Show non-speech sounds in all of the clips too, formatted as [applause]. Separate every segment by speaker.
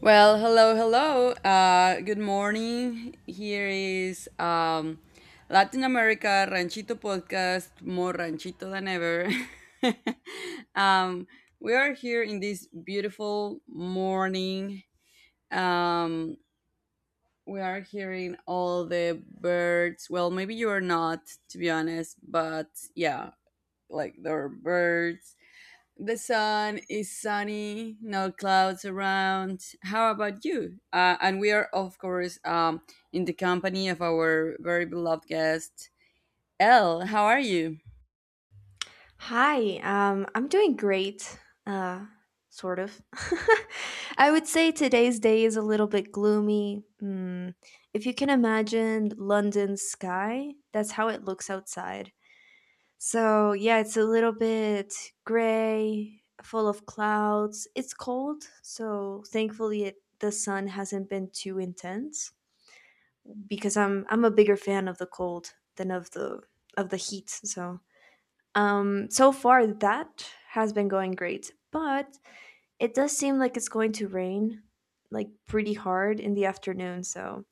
Speaker 1: Well, hello, hello. Good morning. Here is Latin America Ranchito Podcast, more ranchito than ever. [laughs] um, we are here in this beautiful morning. Um, we are hearing all the birds. Well, maybe you are not, to be honest, but yeah, like there are birds, the sun is sunny, no clouds around. How about you? And we are, of course, in the company of our very beloved guest, Elle. How are you?
Speaker 2: I'm doing great, uh, sort of. [laughs] I would say today's day is a little bit gloomy. If you can imagine London's sky, that's how it looks outside. So, yeah, it's a little bit gray, full of clouds. It's cold, so thankfully the sun hasn't been too intense because I'm a bigger fan of the cold than of the heat. So, so far that has been going great, but it does seem like it's going to rain like pretty hard in the afternoon, so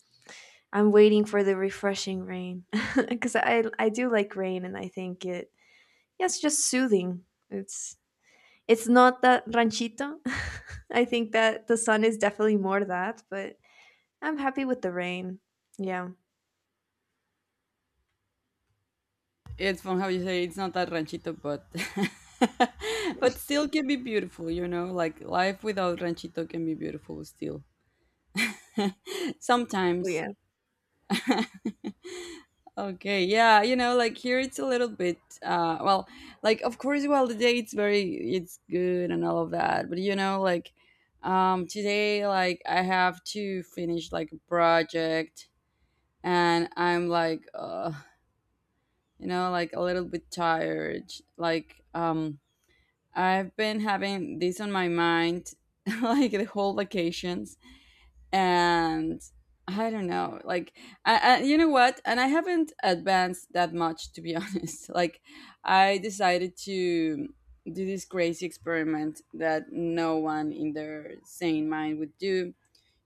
Speaker 2: I'm waiting for the refreshing rain [laughs] because I do like rain and I think it's just soothing. It's it's not that ranchito. [laughs] I think that the sun is definitely more that, but I'm happy with the rain. Yeah.
Speaker 1: It's from how you say it's not that ranchito, but [laughs] but still can be beautiful. You know, like life without ranchito can be beautiful still. [laughs] Sometimes.
Speaker 2: Oh,
Speaker 1: [laughs] Okay, yeah, you know, like here it's a little bit, well, like of course, well, the day it's very, it's good and all of that, but you know, like, today, like, I have to finish like a project, and I'm like, you know, like a little bit tired. Like, I've been having this on my mind [laughs] like the whole vacations, and I don't know, like, you know what? And I haven't advanced that much, to be [laughs] honest. Like, I decided to do this crazy experiment that no one in their sane mind would do,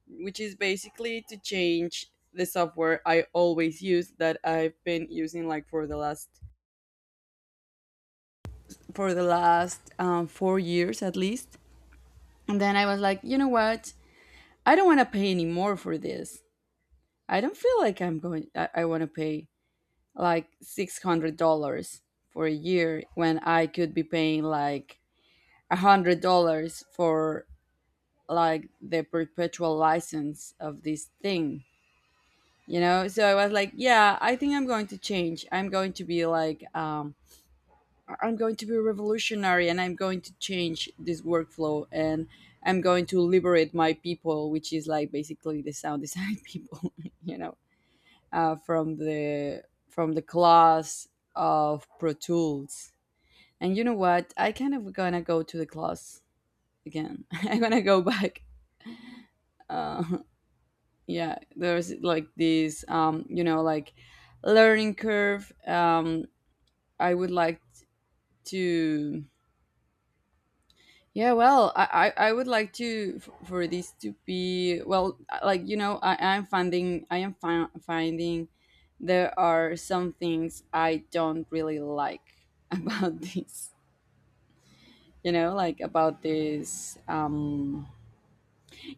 Speaker 1: which is basically to change the software I always use that I've been using like for the last 4 years at least. And then I was like, you know what? I don't want to pay any more for this. I don't feel like I'm going. I want to pay like $600 for a year when I could be paying like $100 for like the perpetual license of this thing. You know, so I was like, yeah, I think I'm going to change. I'm going to be like, I'm going to be revolutionary, and I'm going to change this workflow, and I'm going to liberate my people, which is like basically the sound design [laughs] people. You know, from the class of Pro Tools. And you know what? I kind of gonna go to the class again. [laughs] I'm gonna go back. [laughs] Uh, yeah, there's like this, you know, like learning curve. I would like to. Yeah, well, I would like to for this to be well, like you know, I am finding there are some things I don't really like [laughs] about this, you know, like about this.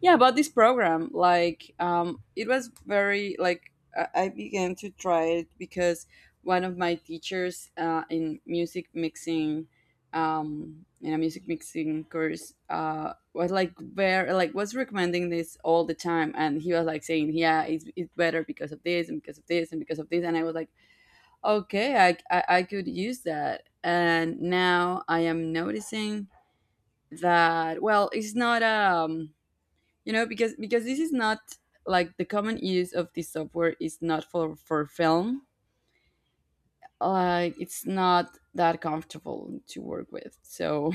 Speaker 1: Yeah, about this program, like it was very like I began to try it because one of my teachers in music mixing um in a music mixing course was like very like was recommending this all the time, and he was like saying, yeah, it's better because of this and because of this and because of this, and I was like, okay, I could use that. And now I am noticing that, well, it's not you know, because this is not like the common use of this software is not for film. Like it's not that comfortable to work with, so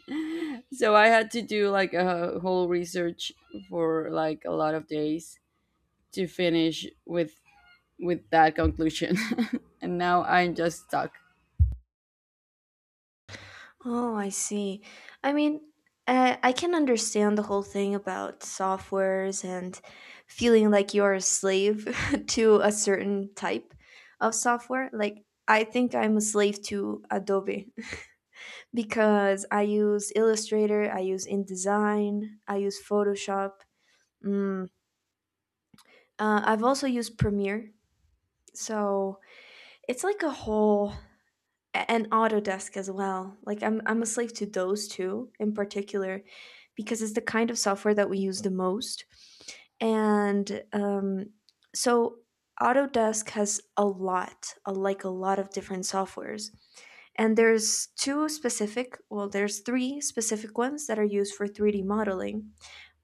Speaker 1: [laughs] so I had to do like a whole research for like a lot of days to finish with that conclusion. [laughs] And now I'm just stuck.
Speaker 2: Oh, I see. I mean, I can understand the whole thing about softwares and feeling like you're a slave [laughs] to a certain type of software. Like, I think I'm a slave to Adobe [laughs] because I use Illustrator, I use InDesign, I use Photoshop. Mm. I've also used Premiere. So it's like a whole and Autodesk as well. Like I'm a slave to those two in particular because it's the kind of software that we use the most. And so Autodesk has like a lot of different softwares. And there's three specific ones that are used for 3D modeling,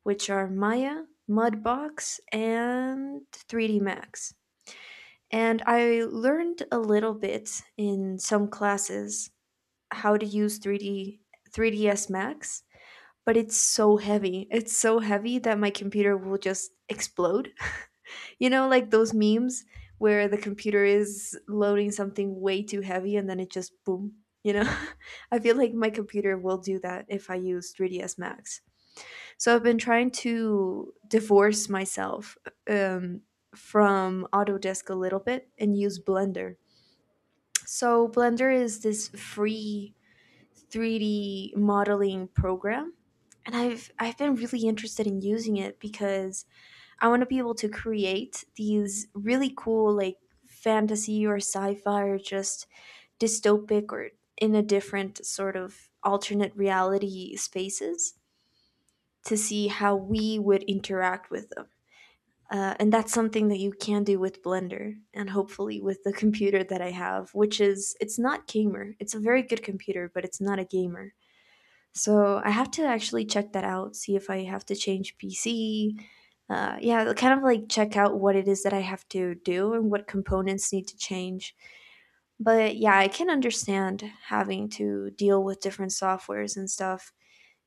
Speaker 2: which are Maya, Mudbox, and 3D Max. And I learned a little bit in some classes how to use 3D 3ds Max, but it's so heavy. It's so heavy that my computer will just explode. [laughs] You know, like those memes where the computer is loading something way too heavy and then it just boom, you know? [laughs] I feel like my computer will do that if I use 3ds Max. So I've been trying to divorce myself um, from Autodesk a little bit and use Blender. So Blender is this free 3D modeling program, and I've been really interested in using it because I want to be able to create these really cool like fantasy or sci-fi or just dystopic or in a different sort of alternate reality spaces to see how we would interact with them. And that's something that you can do with Blender and hopefully with the computer that I have, which is, it's not gamer. It's a very good computer, but it's not a gamer. So I have to actually check that out, see if I have to change PC. Yeah, kind of like check out what it is that I have to do and what components need to change. But yeah, I can understand having to deal with different softwares and stuff.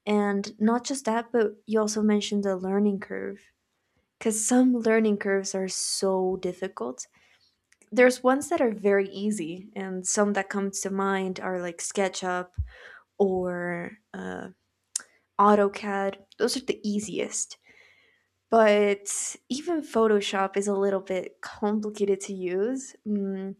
Speaker 2: And not just that, but you also mentioned the learning curve. Because some learning curves are so difficult. There's ones that are very easy, and some that come to mind are like SketchUp or AutoCAD. Those are the easiest. But even Photoshop is a little bit complicated to use. Mm.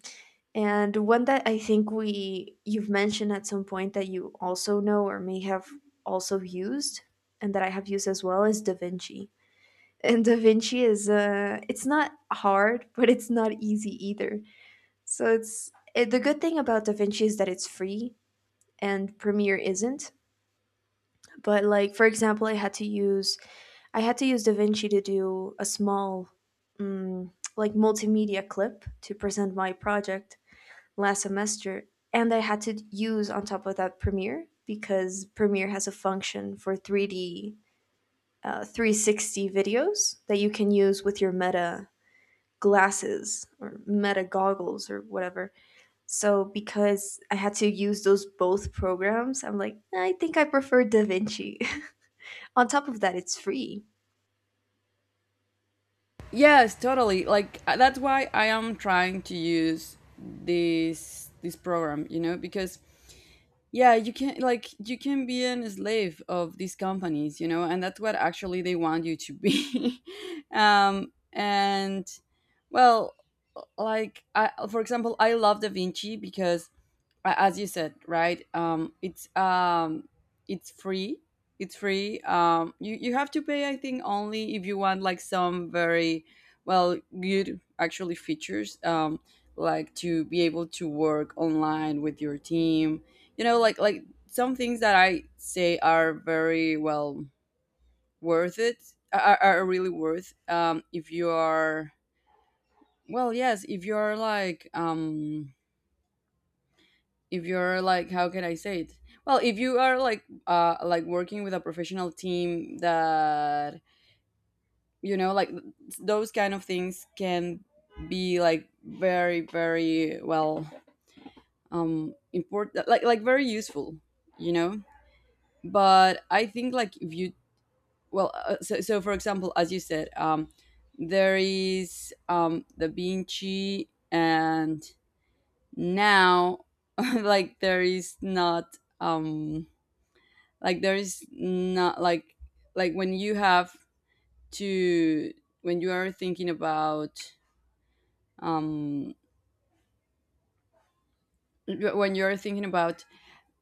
Speaker 2: And one that I think we you've mentioned at some point that you also know or may have also used, and that I have used as well, is DaVinci. And Da Vinci is it's not hard, [laughs] but it's not easy either. So it's the good thing about Da Vinci is that it's free and Premiere isn't. But like for example, I had to use Da Vinci to do a small um, like multimedia clip to present my project last semester and I had to use on top of that Premiere because Premiere has a function for 3D uh, 360 videos that you can use with your meta glasses or meta goggles or whatever. So because I had to use those both programs, I'm like, I think I prefer DaVinci. [laughs] On top of that, it's free.
Speaker 1: Yes, totally, like that's why I am trying to use this program, you know, because yeah, you can like you can be an slave of these companies, you know, and that's what actually they want you to be. [laughs] And, well, like for example, I love Da Vinci because as you said, right? It's it's free. It's free. You have to pay, I think, only if you want like some very well, good actually features. Like to be able to work online with your team, you know, like some things that I say are very well worth it, are really worth if you are, well, yes, if you're like if you're like, how can I say it, well, if you are like working with a professional team that, you know, like those kind of things can be like very very well important, like very useful, you know. But I think like if you, well, so for example, as you said, there is the Vinci, and now [laughs] like there is not like there is not like like when you have to, when you are thinking about um when you're thinking about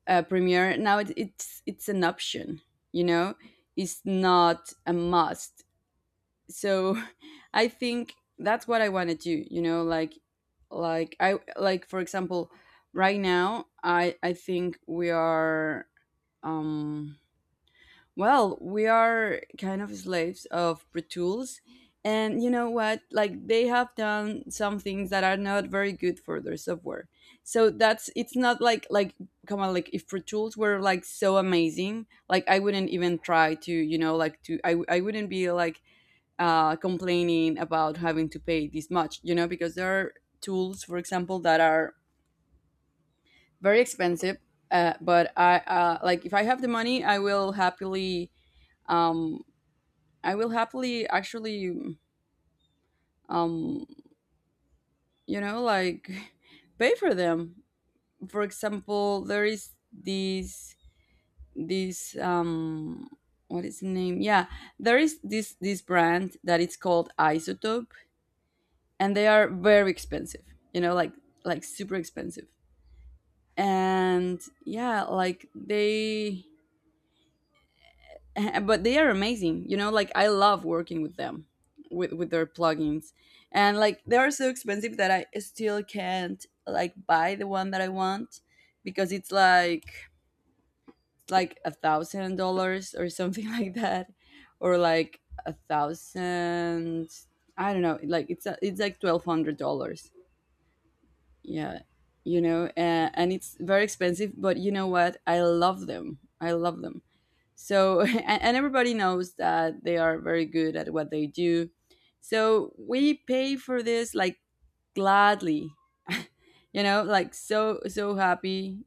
Speaker 1: Premiere, now it's an option, you know. It's not a must. So [laughs] I think that's what I want to do, you know, like I like, for example, right now I think we are um well, we are kind of slaves of Pro Tools. And you know what? Like they have done some things that are not very good for their software. So that's, it's not like like come on, like if Pro Tools were like so amazing, like I wouldn't even try to, you know, like to, I wouldn't be like complaining about having to pay this much, you know, because there are tools, for example, that are very expensive. But I like if I have the money, um I will happily actually, um, you know, like [laughs] pay for them. For example, there is this this um what is the name? Yeah, there is this brand that it's called Isotope, and they are very expensive. You know, like super expensive. And yeah, like they [laughs] but they are amazing, you know, like I love working with them, with their plugins. And like they are so expensive that I still can't like buy the one that I want, because it's like $1,000 or something [laughs] like that, or like a thousand, I don't know, like it's like $1,200, yeah, you know. And it's very expensive, but you know what, I love them, I love them. So, [laughs] and everybody knows that they are very good at what they do. So we pay for this like gladly, [laughs] you know, like so so happy.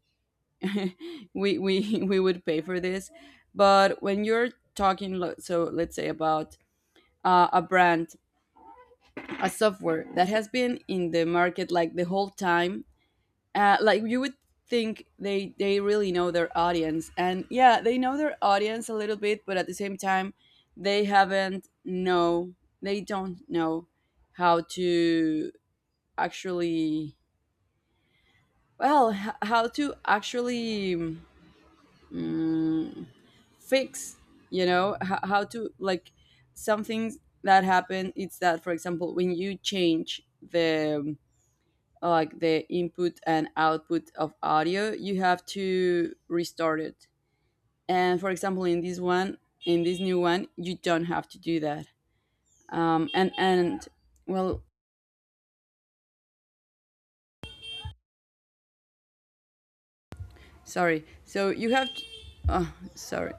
Speaker 1: [laughs] We [laughs] we would pay for this, but when you're talking, so let's say about a brand, a software that has been in the market like the whole time, like you would think they really know their audience, and yeah, they know their audience a little bit, but at the same time they haven't know they don't know how to actually, well, how to actually mm, fix, you know, how to like, some things that happen, it's that, for example, when you change the like the input and output of audio, you have to restart it. And for example, in this one, in this new one, you don't have to do that. And, well, sorry, so you have to, oh, sorry.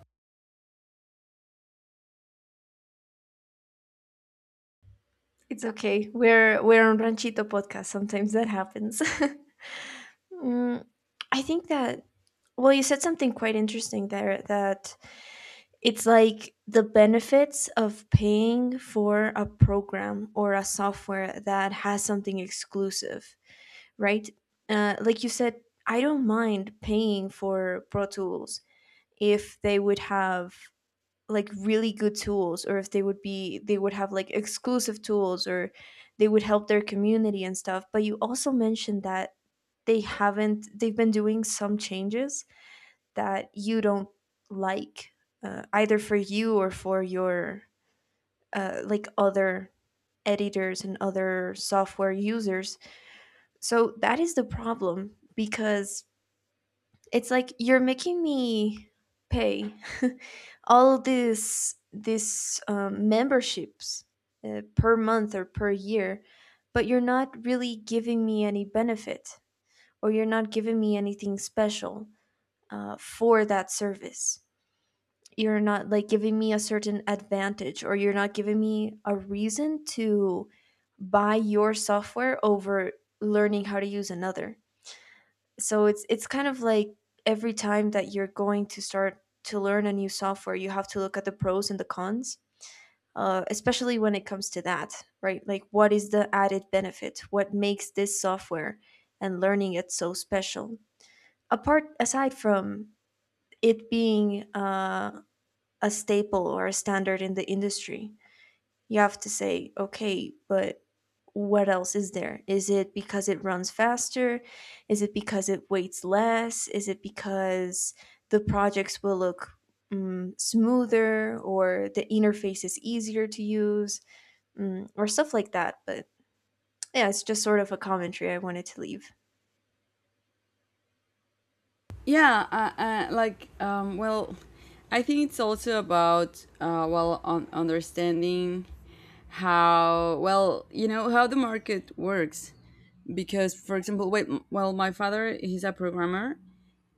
Speaker 2: It's okay. We're on Ranchito podcast. Sometimes that happens. [laughs] mm, I think that well, you said something quite interesting there that it's like the benefits of paying for a program or a software that has something exclusive, right? Like you said, I don't mind paying for Pro Tools if they would have like really good tools or if they would have like exclusive tools or they would help their community and stuff, but you also mentioned that they haven't they've been doing some changes that you don't like, either for you or for your like other editors and other software users, so that is the problem because it's like you're making me pay [laughs] all these memberships, per month or per year, but you're not really giving me any benefit or you're not giving me anything special, for that service. You're not like giving me a certain advantage or you're not giving me a reason to buy your software over learning how to use another, so it's kind of like every time that you're going to start to learn a new software you have to look at the pros and the cons, especially when it comes to that, right? Like what is the added benefit, what makes this software and learning it so special, apart aside from it being a staple or a standard in the industry, you have to say, okay, but what else is there? Is it because it runs faster? Is it because it weighs less? Is it because the projects will look smoother or the interface is easier to use, or stuff like that? But yeah, it's just sort of a commentary I wanted to leave.
Speaker 1: Yeah, like well, I think it's also about well, on understanding how, well, you know, how the market works. Because, for example, wait, well, my father, he's a programmer,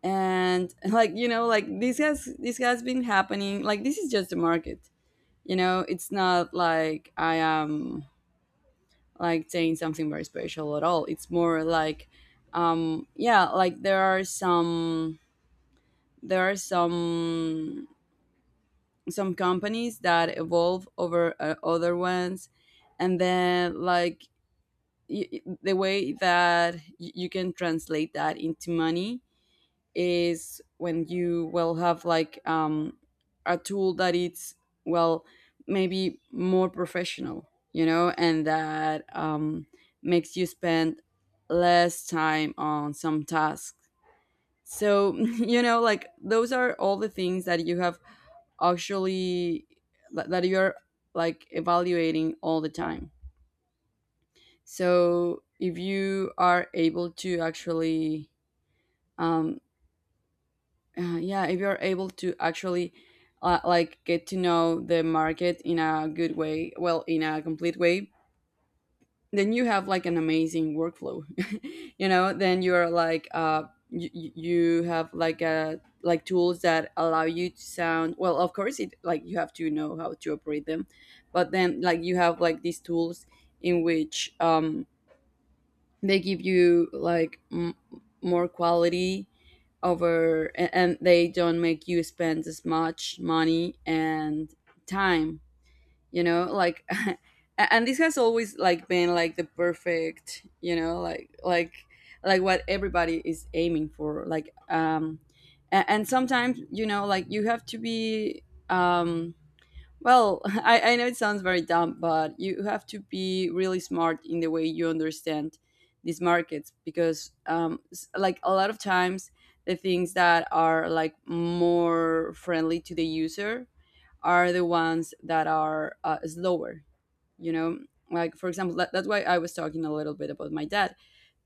Speaker 1: and [laughs] like, you know, like this has been happening, like this is just the market, you know. It's not like I am like saying something very special at all. It's more like yeah, like there are some, there are some companies that evolve over other ones. And then like the way that you can translate that into money is when you will have like a tool that it's, well, maybe more professional, you know, and that, makes you spend less time on some tasks. So [laughs] you know, like those are all the things that you have, actually, that you're like evaluating all the time. So if you are able to actually um, yeah, if you're able to actually like get to know the market in a good way, well, in a complete way, then you have like an amazing workflow. [laughs] You know, then you're like you have like a like tools that allow you to sound, well, of course, it like you have to know how to operate them, but then like you have like these tools in which they give you like more quality over, and they don't make you spend as much money and time, you know, like [laughs] and this has always like been like the perfect, you know, like what everybody is aiming for, like and sometimes, you know, like you have to be um well, [laughs] I know it sounds very dumb, but you have to be really smart in the way you understand these markets because, like, a lot of times the things that are like more friendly to the user are the ones that are slower, you know? Like, for example, that's why I was talking a little bit about my dad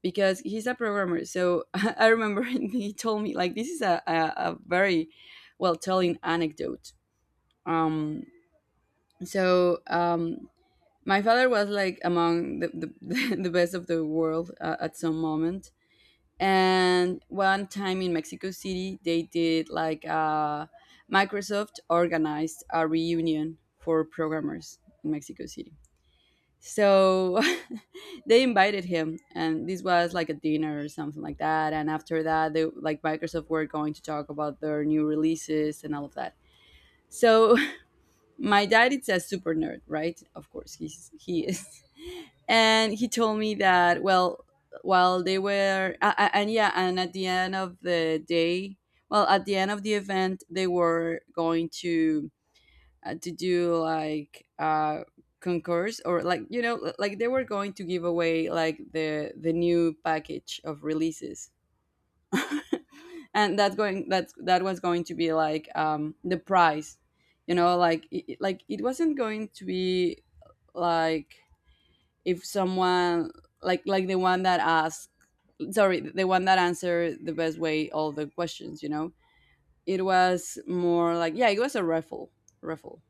Speaker 1: because he's a programmer. So [laughs] I remember [laughs] he told me, like, this is a very well telling anecdote. Um, so my father was like among [laughs] the best of the world at some moment. And one time in Mexico City they did like Microsoft organized a reunion for programmers in Mexico City. So [laughs] they invited him, and this was like a dinner or something like that, and after that they, like, Microsoft, were going to talk about their new releases and all of that. So my dad is a super nerd, right? Of course, he is, [laughs] and he told me that, well, while they were and yeah, and at the end of the day, well, at the end of the event, they were going to do like concourse or, like, you know, like they were going to give away like the new package of releases. [laughs] And that was going to be like the price, you know, like it wasn't going to be like, if someone, like the one that asked sorry the one that answered the best way all the questions, you know. It was more like, yeah, it was a raffle.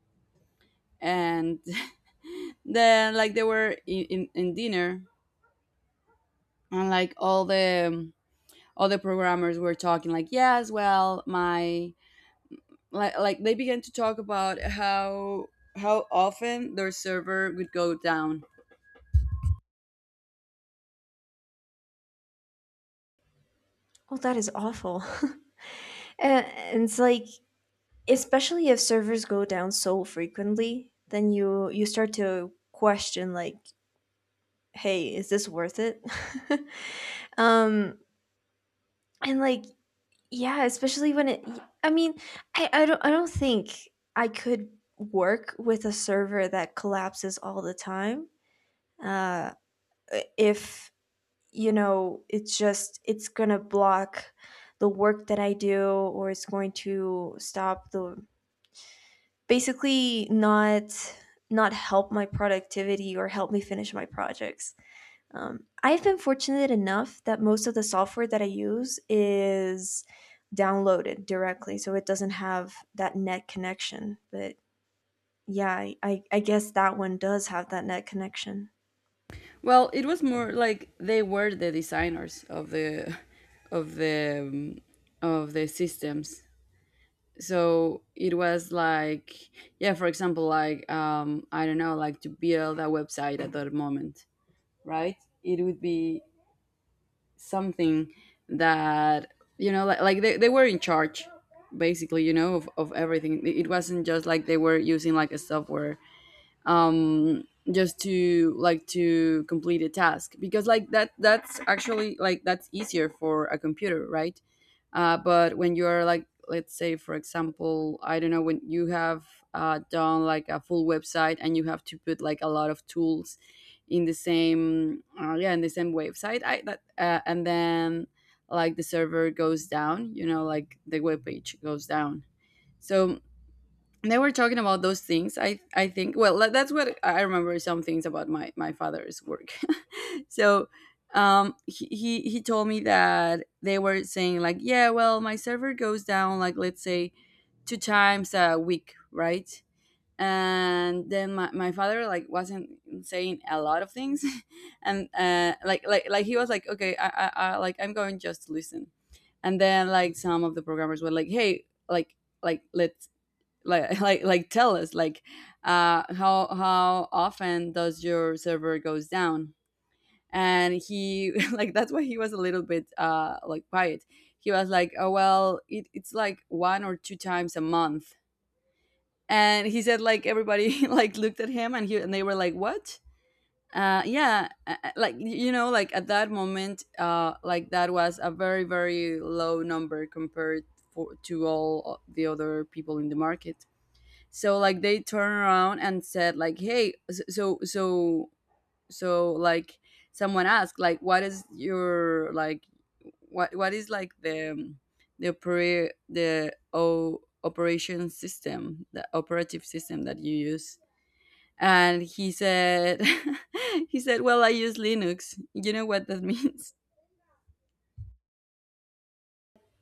Speaker 1: And [laughs] then, like, they were in dinner, and like all the programmers were talking like, yes, well, my like they began to talk about how often their server would go down.
Speaker 2: Oh, that is awful. [laughs] And it's like, especially if servers go down so frequently, then you start to question like, hey, is this worth it? [laughs] um and Like, yeah, especially when it, I mean, I don't think I could work with a server that collapses all the time. uh if, you know, it's just it's gonna block the work that I do or it's going to stop the, basically not not help my productivity or help me finish my projects. I've been fortunate enough that most of the software that I use is downloaded directly, so it doesn't have that net connection. But yeah, I guess that one does have that net connection.
Speaker 1: Well, it was more like they were the designers of the um, of the systems. So it was like, yeah, for example, like I don't know, like to build a website at that moment, right? It would be something that, like they were in charge basically, of everything. It wasn't just like they were using like a software just to, like, to complete a task, because like that's actually, like, that's easier for a computer, right? But when you're like, let's say for example, I don't know, when you have done like a full website and you have to put like a lot of tools in the same yeah, in the same website, I that and then like the server goes down, you know, like the web page goes down. So they were talking about those things. I think, well, that's what I remember, some things about my father's work. [laughs] So he told me that they were saying like, yeah, well, my server goes down, like, let's say two times a week, right? And then my father like wasn't saying a lot of things. [laughs] And like he was like, okay, I'm going just to listen. And then like some of the programmers were like, hey, like let's, like, [laughs] like tell us like how often does your server goes down. And he [laughs] like that's why he was a little bit like quiet. He was like, oh, well it's like one or two times a month. And he said like everybody [laughs] like looked at him and they were like, what? Yeah, like, like at that moment, like that was a very very low number compared to all the other people in the market. So like they turned around and said like, hey, so, like, someone asked like, what is your like what is like the operative system that you use? And he said, [laughs] he said, well, I use Linux. You know what that [laughs] means.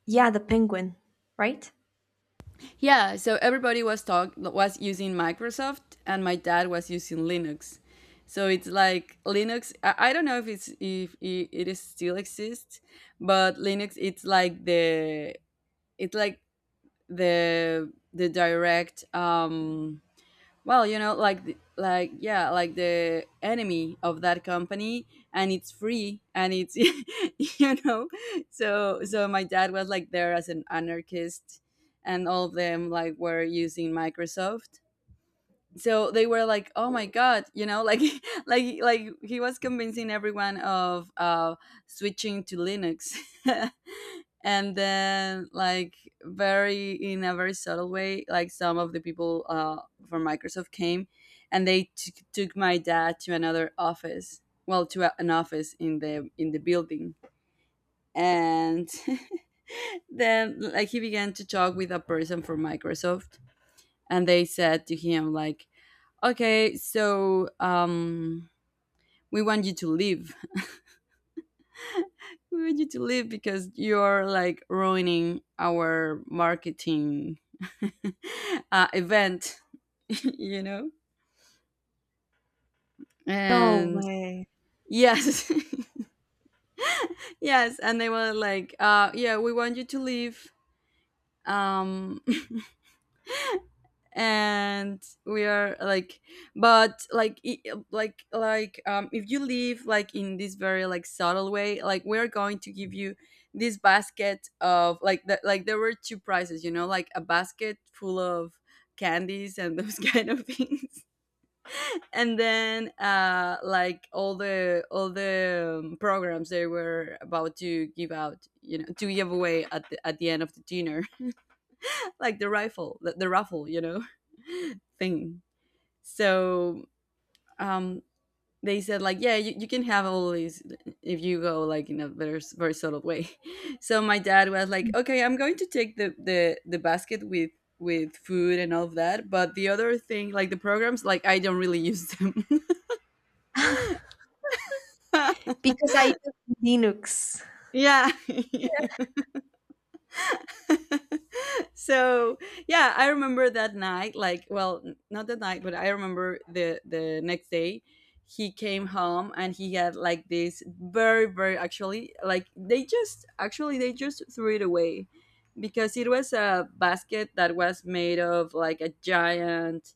Speaker 2: Yeah, the Penguin, right?
Speaker 1: Yeah, so everybody was talk was using Microsoft, and my dad was using Linux. So it's like Linux. I don't know if it's if it, it is still exists, but Linux it's like it's like the direct, well, like, like, yeah, like the enemy of that company, and it's free, and it's [laughs] you know. So my dad was like there as an anarchist, and all of them like were using Microsoft. So they were like, "Oh my god," like, [laughs] like he was convincing everyone of switching to Linux. [laughs] And then like, very in a very subtle way, like some of the people from Microsoft came, and they took my dad to another office, well, to an office in the building. And [laughs] then like he began to talk with a person from Microsoft, and they said to him like, okay, so, we want you to leave. We want you to leave because you're like ruining our marketing, [laughs] event, [laughs] you know?
Speaker 2: No
Speaker 1: And
Speaker 2: way.
Speaker 1: yes, [laughs] yes. And they were like, yeah, we want you to leave. Um, [laughs] and we are like, but like, if you live like in this very, like, subtle way, like, we're going to give you this basket of like the, like, there were two prizes, you know, like a basket full of candies and those [laughs] kind of things. And then like all the programs they were about to give out, to give away at the, end of the dinner, [laughs] like the raffle, [laughs] thing. So um, they said like, yeah, you can have all these if you go like in a very very subtle way. [laughs] So my dad was like, okay, I'm going to take the basket with food and all of that, but the other thing, like the programs, like, I don't really use them.
Speaker 2: Because I use Linux.
Speaker 1: [laughs] Yeah. [laughs] So yeah, I remember that night, like, well, not that night, but I remember the next day he came home and he had like this very very, actually, like they just, threw it away, because it was a basket that was made of like a giant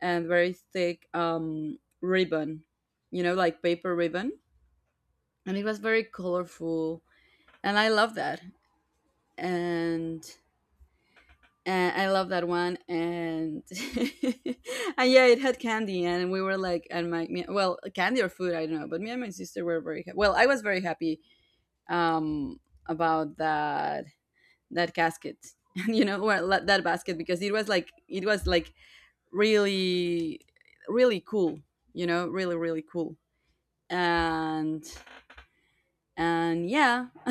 Speaker 1: and very thick ribbon, like paper ribbon, and it was very colorful, and I love that. And and I love that one. And [laughs] and yeah, it had candy, and we were like, and my me, well, candy or food, I don't know, but me and my sister were very well. I was very happy, um, about that casket, [laughs] well, that basket, because it was like, really, really cool, really really cool, and and yeah, [laughs]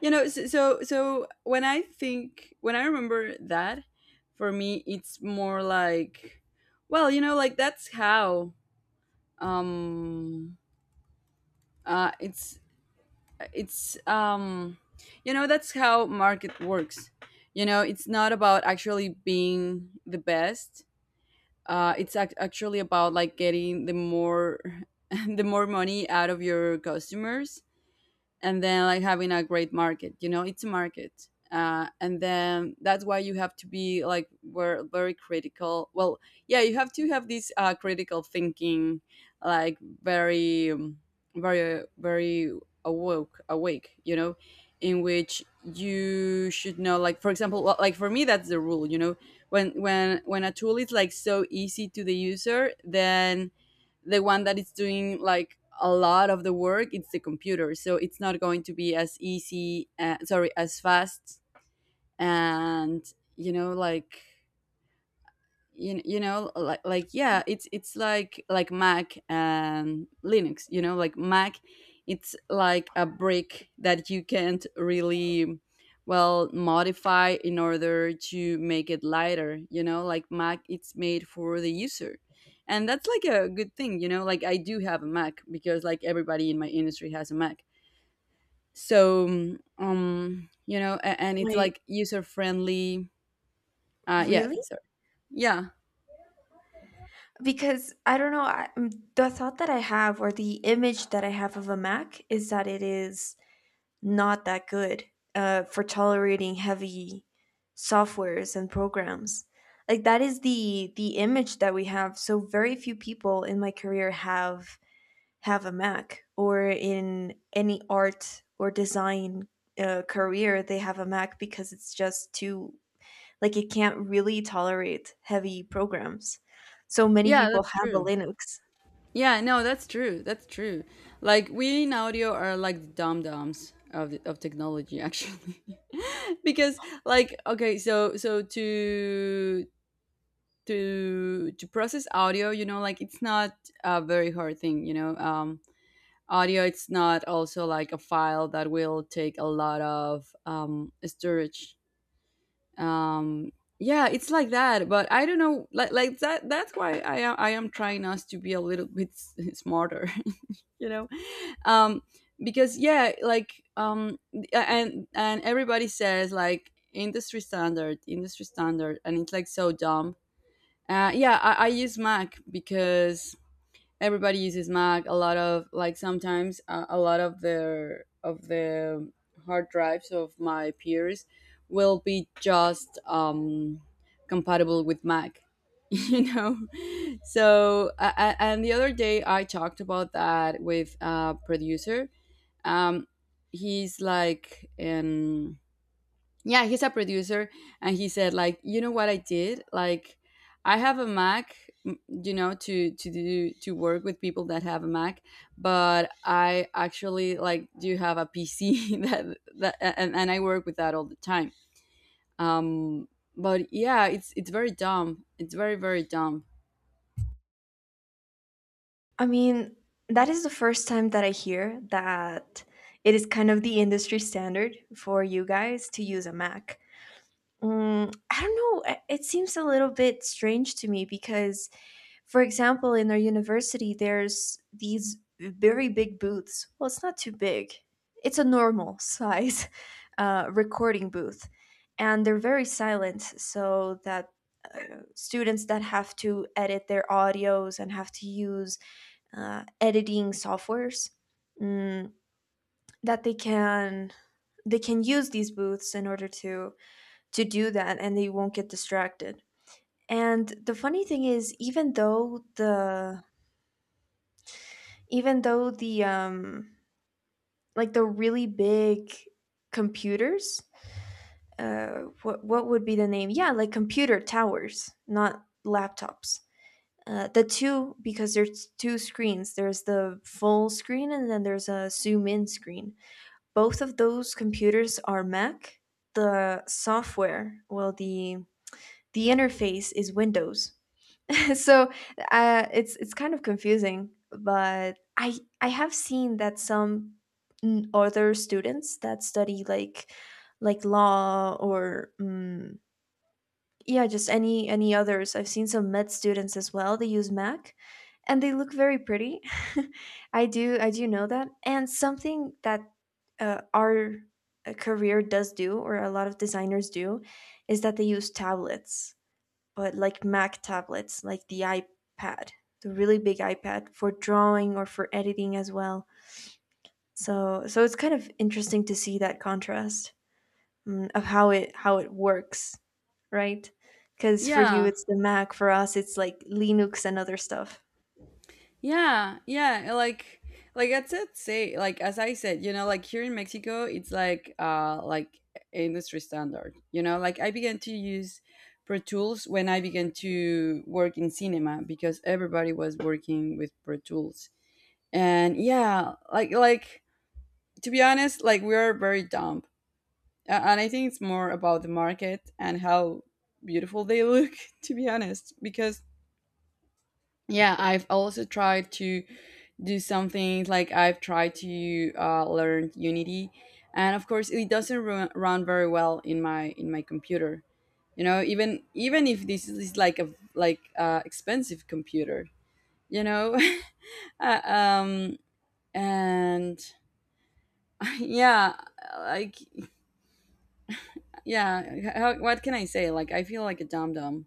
Speaker 1: so, when I think when I remember that, for me it's more like, well, like that's how, um uh it's it's that's how market works. It's not about actually being the best. It's, actually, about like getting the more [laughs] the more money out of your customers. And then like having a great market, it's a market, and then that's why you have to be like, we're very critical, well, yeah, you have to have this critical thinking, like, very very very awoke awake, in which you should know, like, for example, well, like for me that's the rule. When when a tool is like so easy to the user, then the one that is doing like a lot of the work, it's the computer. So it's not going to be as easy sorry as fast. And like, you know like yeah, it's, like, Mac and Linux. Like, Mac, it's like a brick that you can't really, well, modify in order to make it lighter. Like, Mac, it's made for the user, and that's like a good thing. Like, I do have a Mac because like everybody in my industry has a Mac. So you know a- and it's
Speaker 2: Wait,
Speaker 1: like user friendly. Yeah,
Speaker 2: really?
Speaker 1: sorry. Yeah.
Speaker 2: Because I don't know, the thought that I have or the image that I have of a Mac is that it is not that good, for tolerating heavy softwares and programs. Like that is the image that we have. So very few people in my career have a Mac or in any art or design career they have a Mac because it's just too like it can't really tolerate heavy programs. So many
Speaker 1: Yeah,
Speaker 2: people
Speaker 1: that's
Speaker 2: have a
Speaker 1: true
Speaker 2: Linux.
Speaker 1: Yeah, no, that's true. That's true. Like we in audio are like the dum dums of technology, actually, [laughs] because like, okay, so to, process audio, like, it's not a very hard thing. Audio, it's not also like a file that will take a lot of storage. Um, yeah, it's like that, but I don't know, like that. That's why I am trying us to be a little bit smarter, you know um because yeah like And everybody says like industry standard, industry standard, and it's like so dumb. Yeah, I use Mac because everybody uses Mac. A lot of, like sometimes a lot of the hard drives of my peers will be just compatible with Mac [laughs] you know. So, and the other day I talked about that with a producer. Um, he's like, yeah, he's a producer, and he said like, you know what I did? Like, I have a Mac, you know, to do to work with people that have a Mac, but I actually like do have a PC [laughs] and I work with that all the time. Um, but yeah, it's very dumb. It's very, very dumb.
Speaker 2: I mean, that is the first time that I hear that it is kind of the industry standard for you guys to use a Mac. I don't know. It seems a little bit strange to me because, for example, in our university, there's these very big booths. Well, it's not too big, it's a normal size [laughs] recording booth. And they're very silent so that students that have to edit their audios and have to use editing softwares, mm, that they can use these booths in order to do that and they won't get distracted. And the funny thing is, even though the even though the um like the really big computers, what would be the name, yeah, like computer towers, not laptops, the two because there's two screens, there's the full screen and then there's a zoom in screen, both of those computers are Mac. The software, well, the interface is Windows. [laughs] So it's kind of confusing, but I have seen that some other students that study like law or yeah, just any others. I've seen some med students as well. They use Mac and they look very pretty. [laughs] I do know that. And something that our career does do or a lot of designers do is that they use tablets, but like Mac tablets, like the iPad, the really big iPad for drawing or for editing as well. So so it's kind of interesting to see that contrast, of how it works, right? Because for you,
Speaker 1: Yeah.
Speaker 2: it's the Mac. For us, it's like Linux and other stuff.
Speaker 1: Yeah, yeah, like that's it. Say, like as I said, you know, like here in Mexico, it's like industry standard. You know, like I began to use Pro Tools when I began to work in cinema because everybody was working with Pro Tools. And yeah, like to be honest, like we are very dumb. And I think it's more about the market and how beautiful they look, [laughs] to be honest, because yeah, I've also tried to do something. Like I've tried to learn Unity, and of course it doesn't run very well in my computer. You know, even even if this is like a like expensive computer, you know, [laughs] Uh, um, and [laughs] yeah, like yeah, how, what can I say? Like I feel like a dum dum.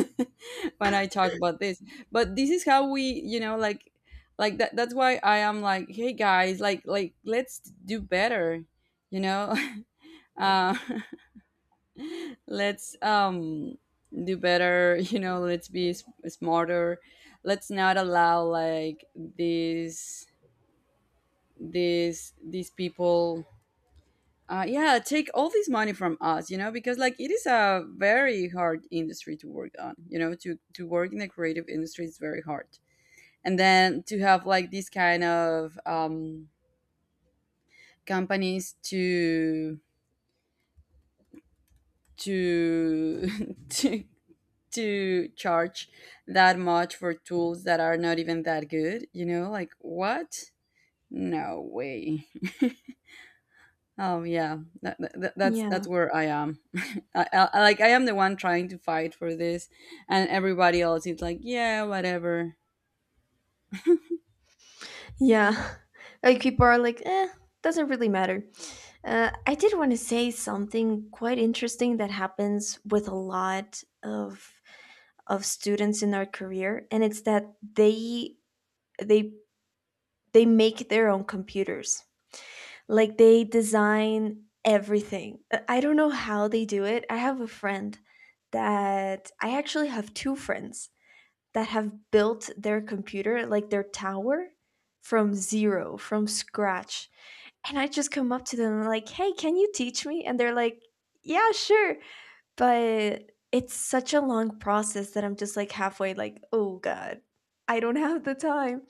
Speaker 1: [laughs] when I talk about this. But this is how we, you know, like that's why I am like, hey guys, like let's do better, you know? [laughs] uh [laughs] let's do better, [laughs] you know, let's be smarter. Let's not allow like these people yeah, take all this money from us, you know, because like it is a very hard industry to work on, you know, to work in the creative industry is very hard. And then to have like these kind of companies to to [laughs] to to charge that much for tools that are not even that good, you know, like what? No way. Oh yeah, that's that's
Speaker 2: Yeah.
Speaker 1: where I am. [laughs] I am the one trying to fight for this, and everybody else is like, yeah, whatever.
Speaker 2: Yeah. [laughs] Like people are like, eh, doesn't really matter. I did want to say something quite interesting that happens with a lot of students in our career, and it's that they they make their own computers. Like they design everything. I don't know how they do it. I actually have two friends that have built their computer, like their tower, from zero, from scratch. And I just come up to them and I'm like, hey, can you teach me? And they're like, yeah, sure. But it's such a long process that I'm just like halfway like, oh God, I don't have the time.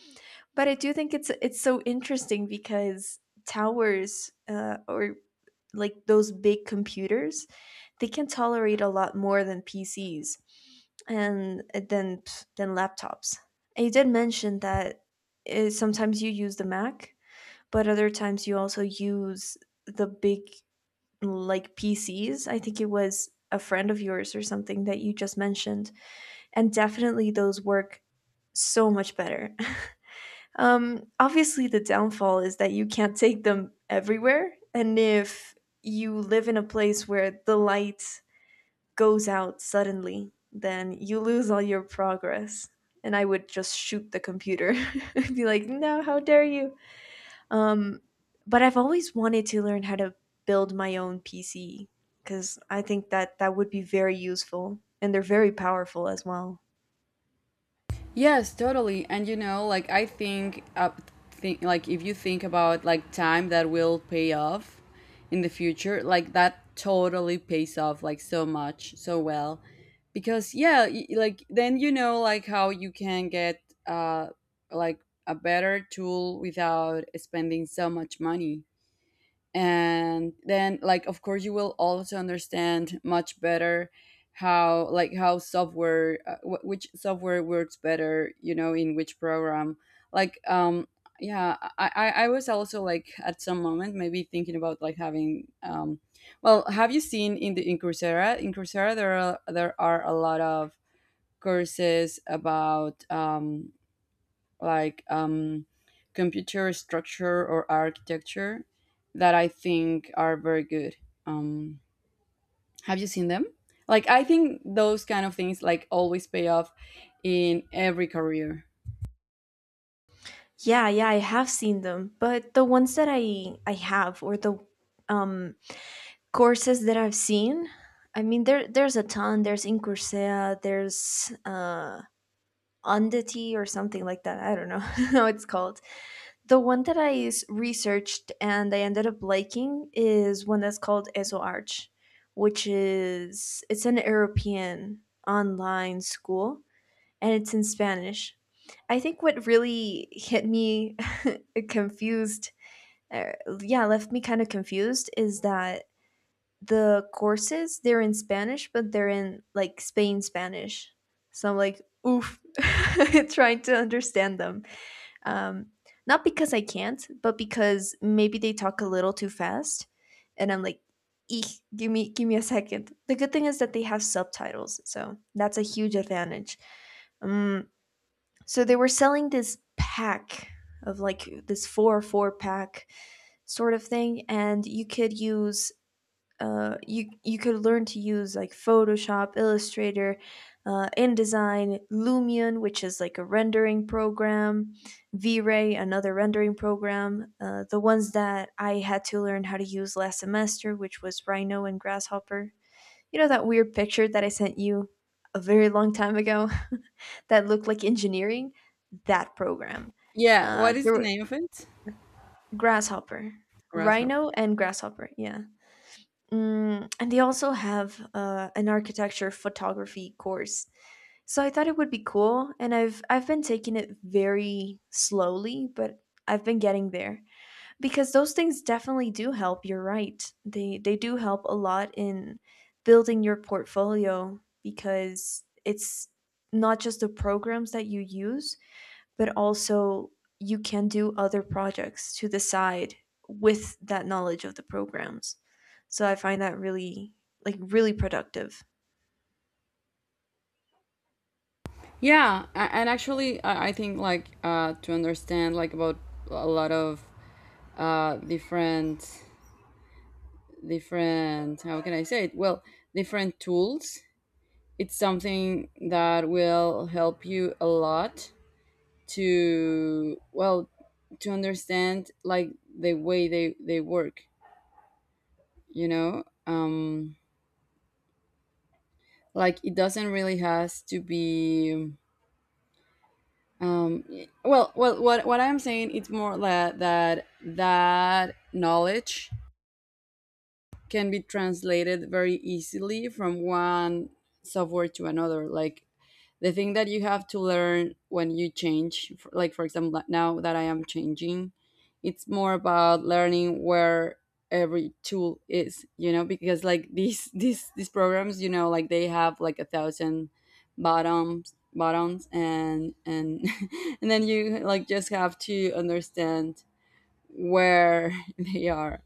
Speaker 2: But I do think it's so interesting because towers or like those big computers they can tolerate a lot more than pcs and than laptops, and you did mention that sometimes you use the mac, but other times you also use the big like pcs. I think it was a friend of yours or something that you just mentioned, and definitely those work so much better. Obviously, the downfall is that you can't take them everywhere. And if you live in a place where the light goes out suddenly, then you lose all your progress. And I would just shoot the computer [laughs] and be like, no, how dare you? Um, but I've always wanted to learn how to build my own PC because I think that that would be very useful and they're very powerful as well.
Speaker 1: Yes, totally. And you know, like I think up think like if you think about like time that will pay off in the future, like that totally pays off like so much, so well. Because yeah, like then you know like how you can get uh like a better tool without spending so much money. And then like of course you will also understand much better how like how software which software works better, you know, in which program. like um yeah, I was also like at some moment maybe thinking about like having well, have you seen in the in coursera there are a lot of courses about like um, computer structure or architecture that I think are very good. Um, have you seen them? Like I think those kind of things like always pay off in every career.
Speaker 2: Yeah, yeah, I have seen them, but the ones that I have or the um courses that I've seen, I mean there's a ton. There's in Coursera, there's Undity or something like that. I don't know [laughs] how it's called. The one that researched and I ended up liking is one that's called EsoArch, which is it's an European online school, and it's in Spanish. I think what really hit me [laughs] confused uh, yeah, left me kind of confused is that the courses they're in Spanish, but they're in like Spain Spanish. So I'm like, oof, [laughs] trying to understand them. Um, Not because I can't, but because maybe they talk a little too fast, and I'm like, eek, give me a second. The good thing is that they have subtitles, so that's a huge advantage. Um, so they were selling this pack of like this four pack sort of thing, and you could use you could learn to use like Photoshop, Illustrator, InDesign, Lumion, which is like a rendering program, V-Ray, another rendering program. The ones that I had to learn how to use last semester, which was Rhino and Grasshopper. You know that weird picture that I sent you a very long time ago [laughs] that looked like engineering? That program.
Speaker 1: Yeah, what is
Speaker 2: There
Speaker 1: the
Speaker 2: were
Speaker 1: name of it?
Speaker 2: Grasshopper,
Speaker 1: Grasshopper.
Speaker 2: rhino, and grasshopper. Yeah. Mm, and they also have an architecture photography course. So I thought it would be cool, and I've been taking it very slowly, but I've been getting there because those things definitely do help. You're right; they do help a lot in building your portfolio because it's not just the programs that you use, but also you can do other projects to the side with that knowledge of the programs. So I find that really like really productive.
Speaker 1: Yeah, and actually, I think like to understand like about a lot of uh, different different, how can I say it? Well, different tools. It's something that will help you a lot to, well, to understand like the way they work, you know. Like it doesn't really has to be um what I'm saying, it's more that that knowledge can be translated very easily from one software to another. Like the thing that you have to learn when you change like for example, like now that I am changing, it's more about learning where every tool is, you know, because like [laughs] these programs, you know, like they have like a thousand bottoms buttons, and [laughs] and then you like just have to understand where [laughs] they are,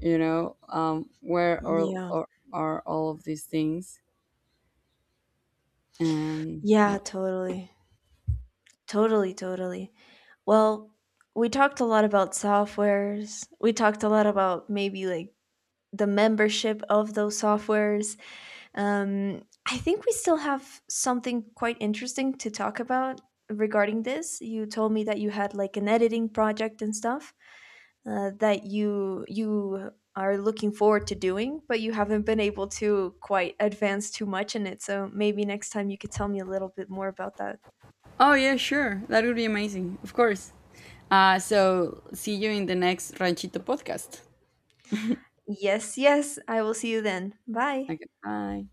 Speaker 1: you know. Where
Speaker 2: Yeah.
Speaker 1: are all of these things. And
Speaker 2: Yeah,
Speaker 1: yeah.
Speaker 2: totally. Totally, totally. Well, we talked a lot about softwares. We talked a lot about maybe like the membership of those softwares. I think we still have something quite interesting to talk about regarding this. You told me that you had like an editing project and stuff, that you are looking forward to doing, but you haven't been able to quite advance too much in it. So maybe next time you could tell me a little bit more about that.
Speaker 1: Oh yeah, sure, that would be amazing. Of course. So see you in the next Ranchito podcast.
Speaker 2: Yes, yes, I will see you then. Bye.
Speaker 1: Okay, bye.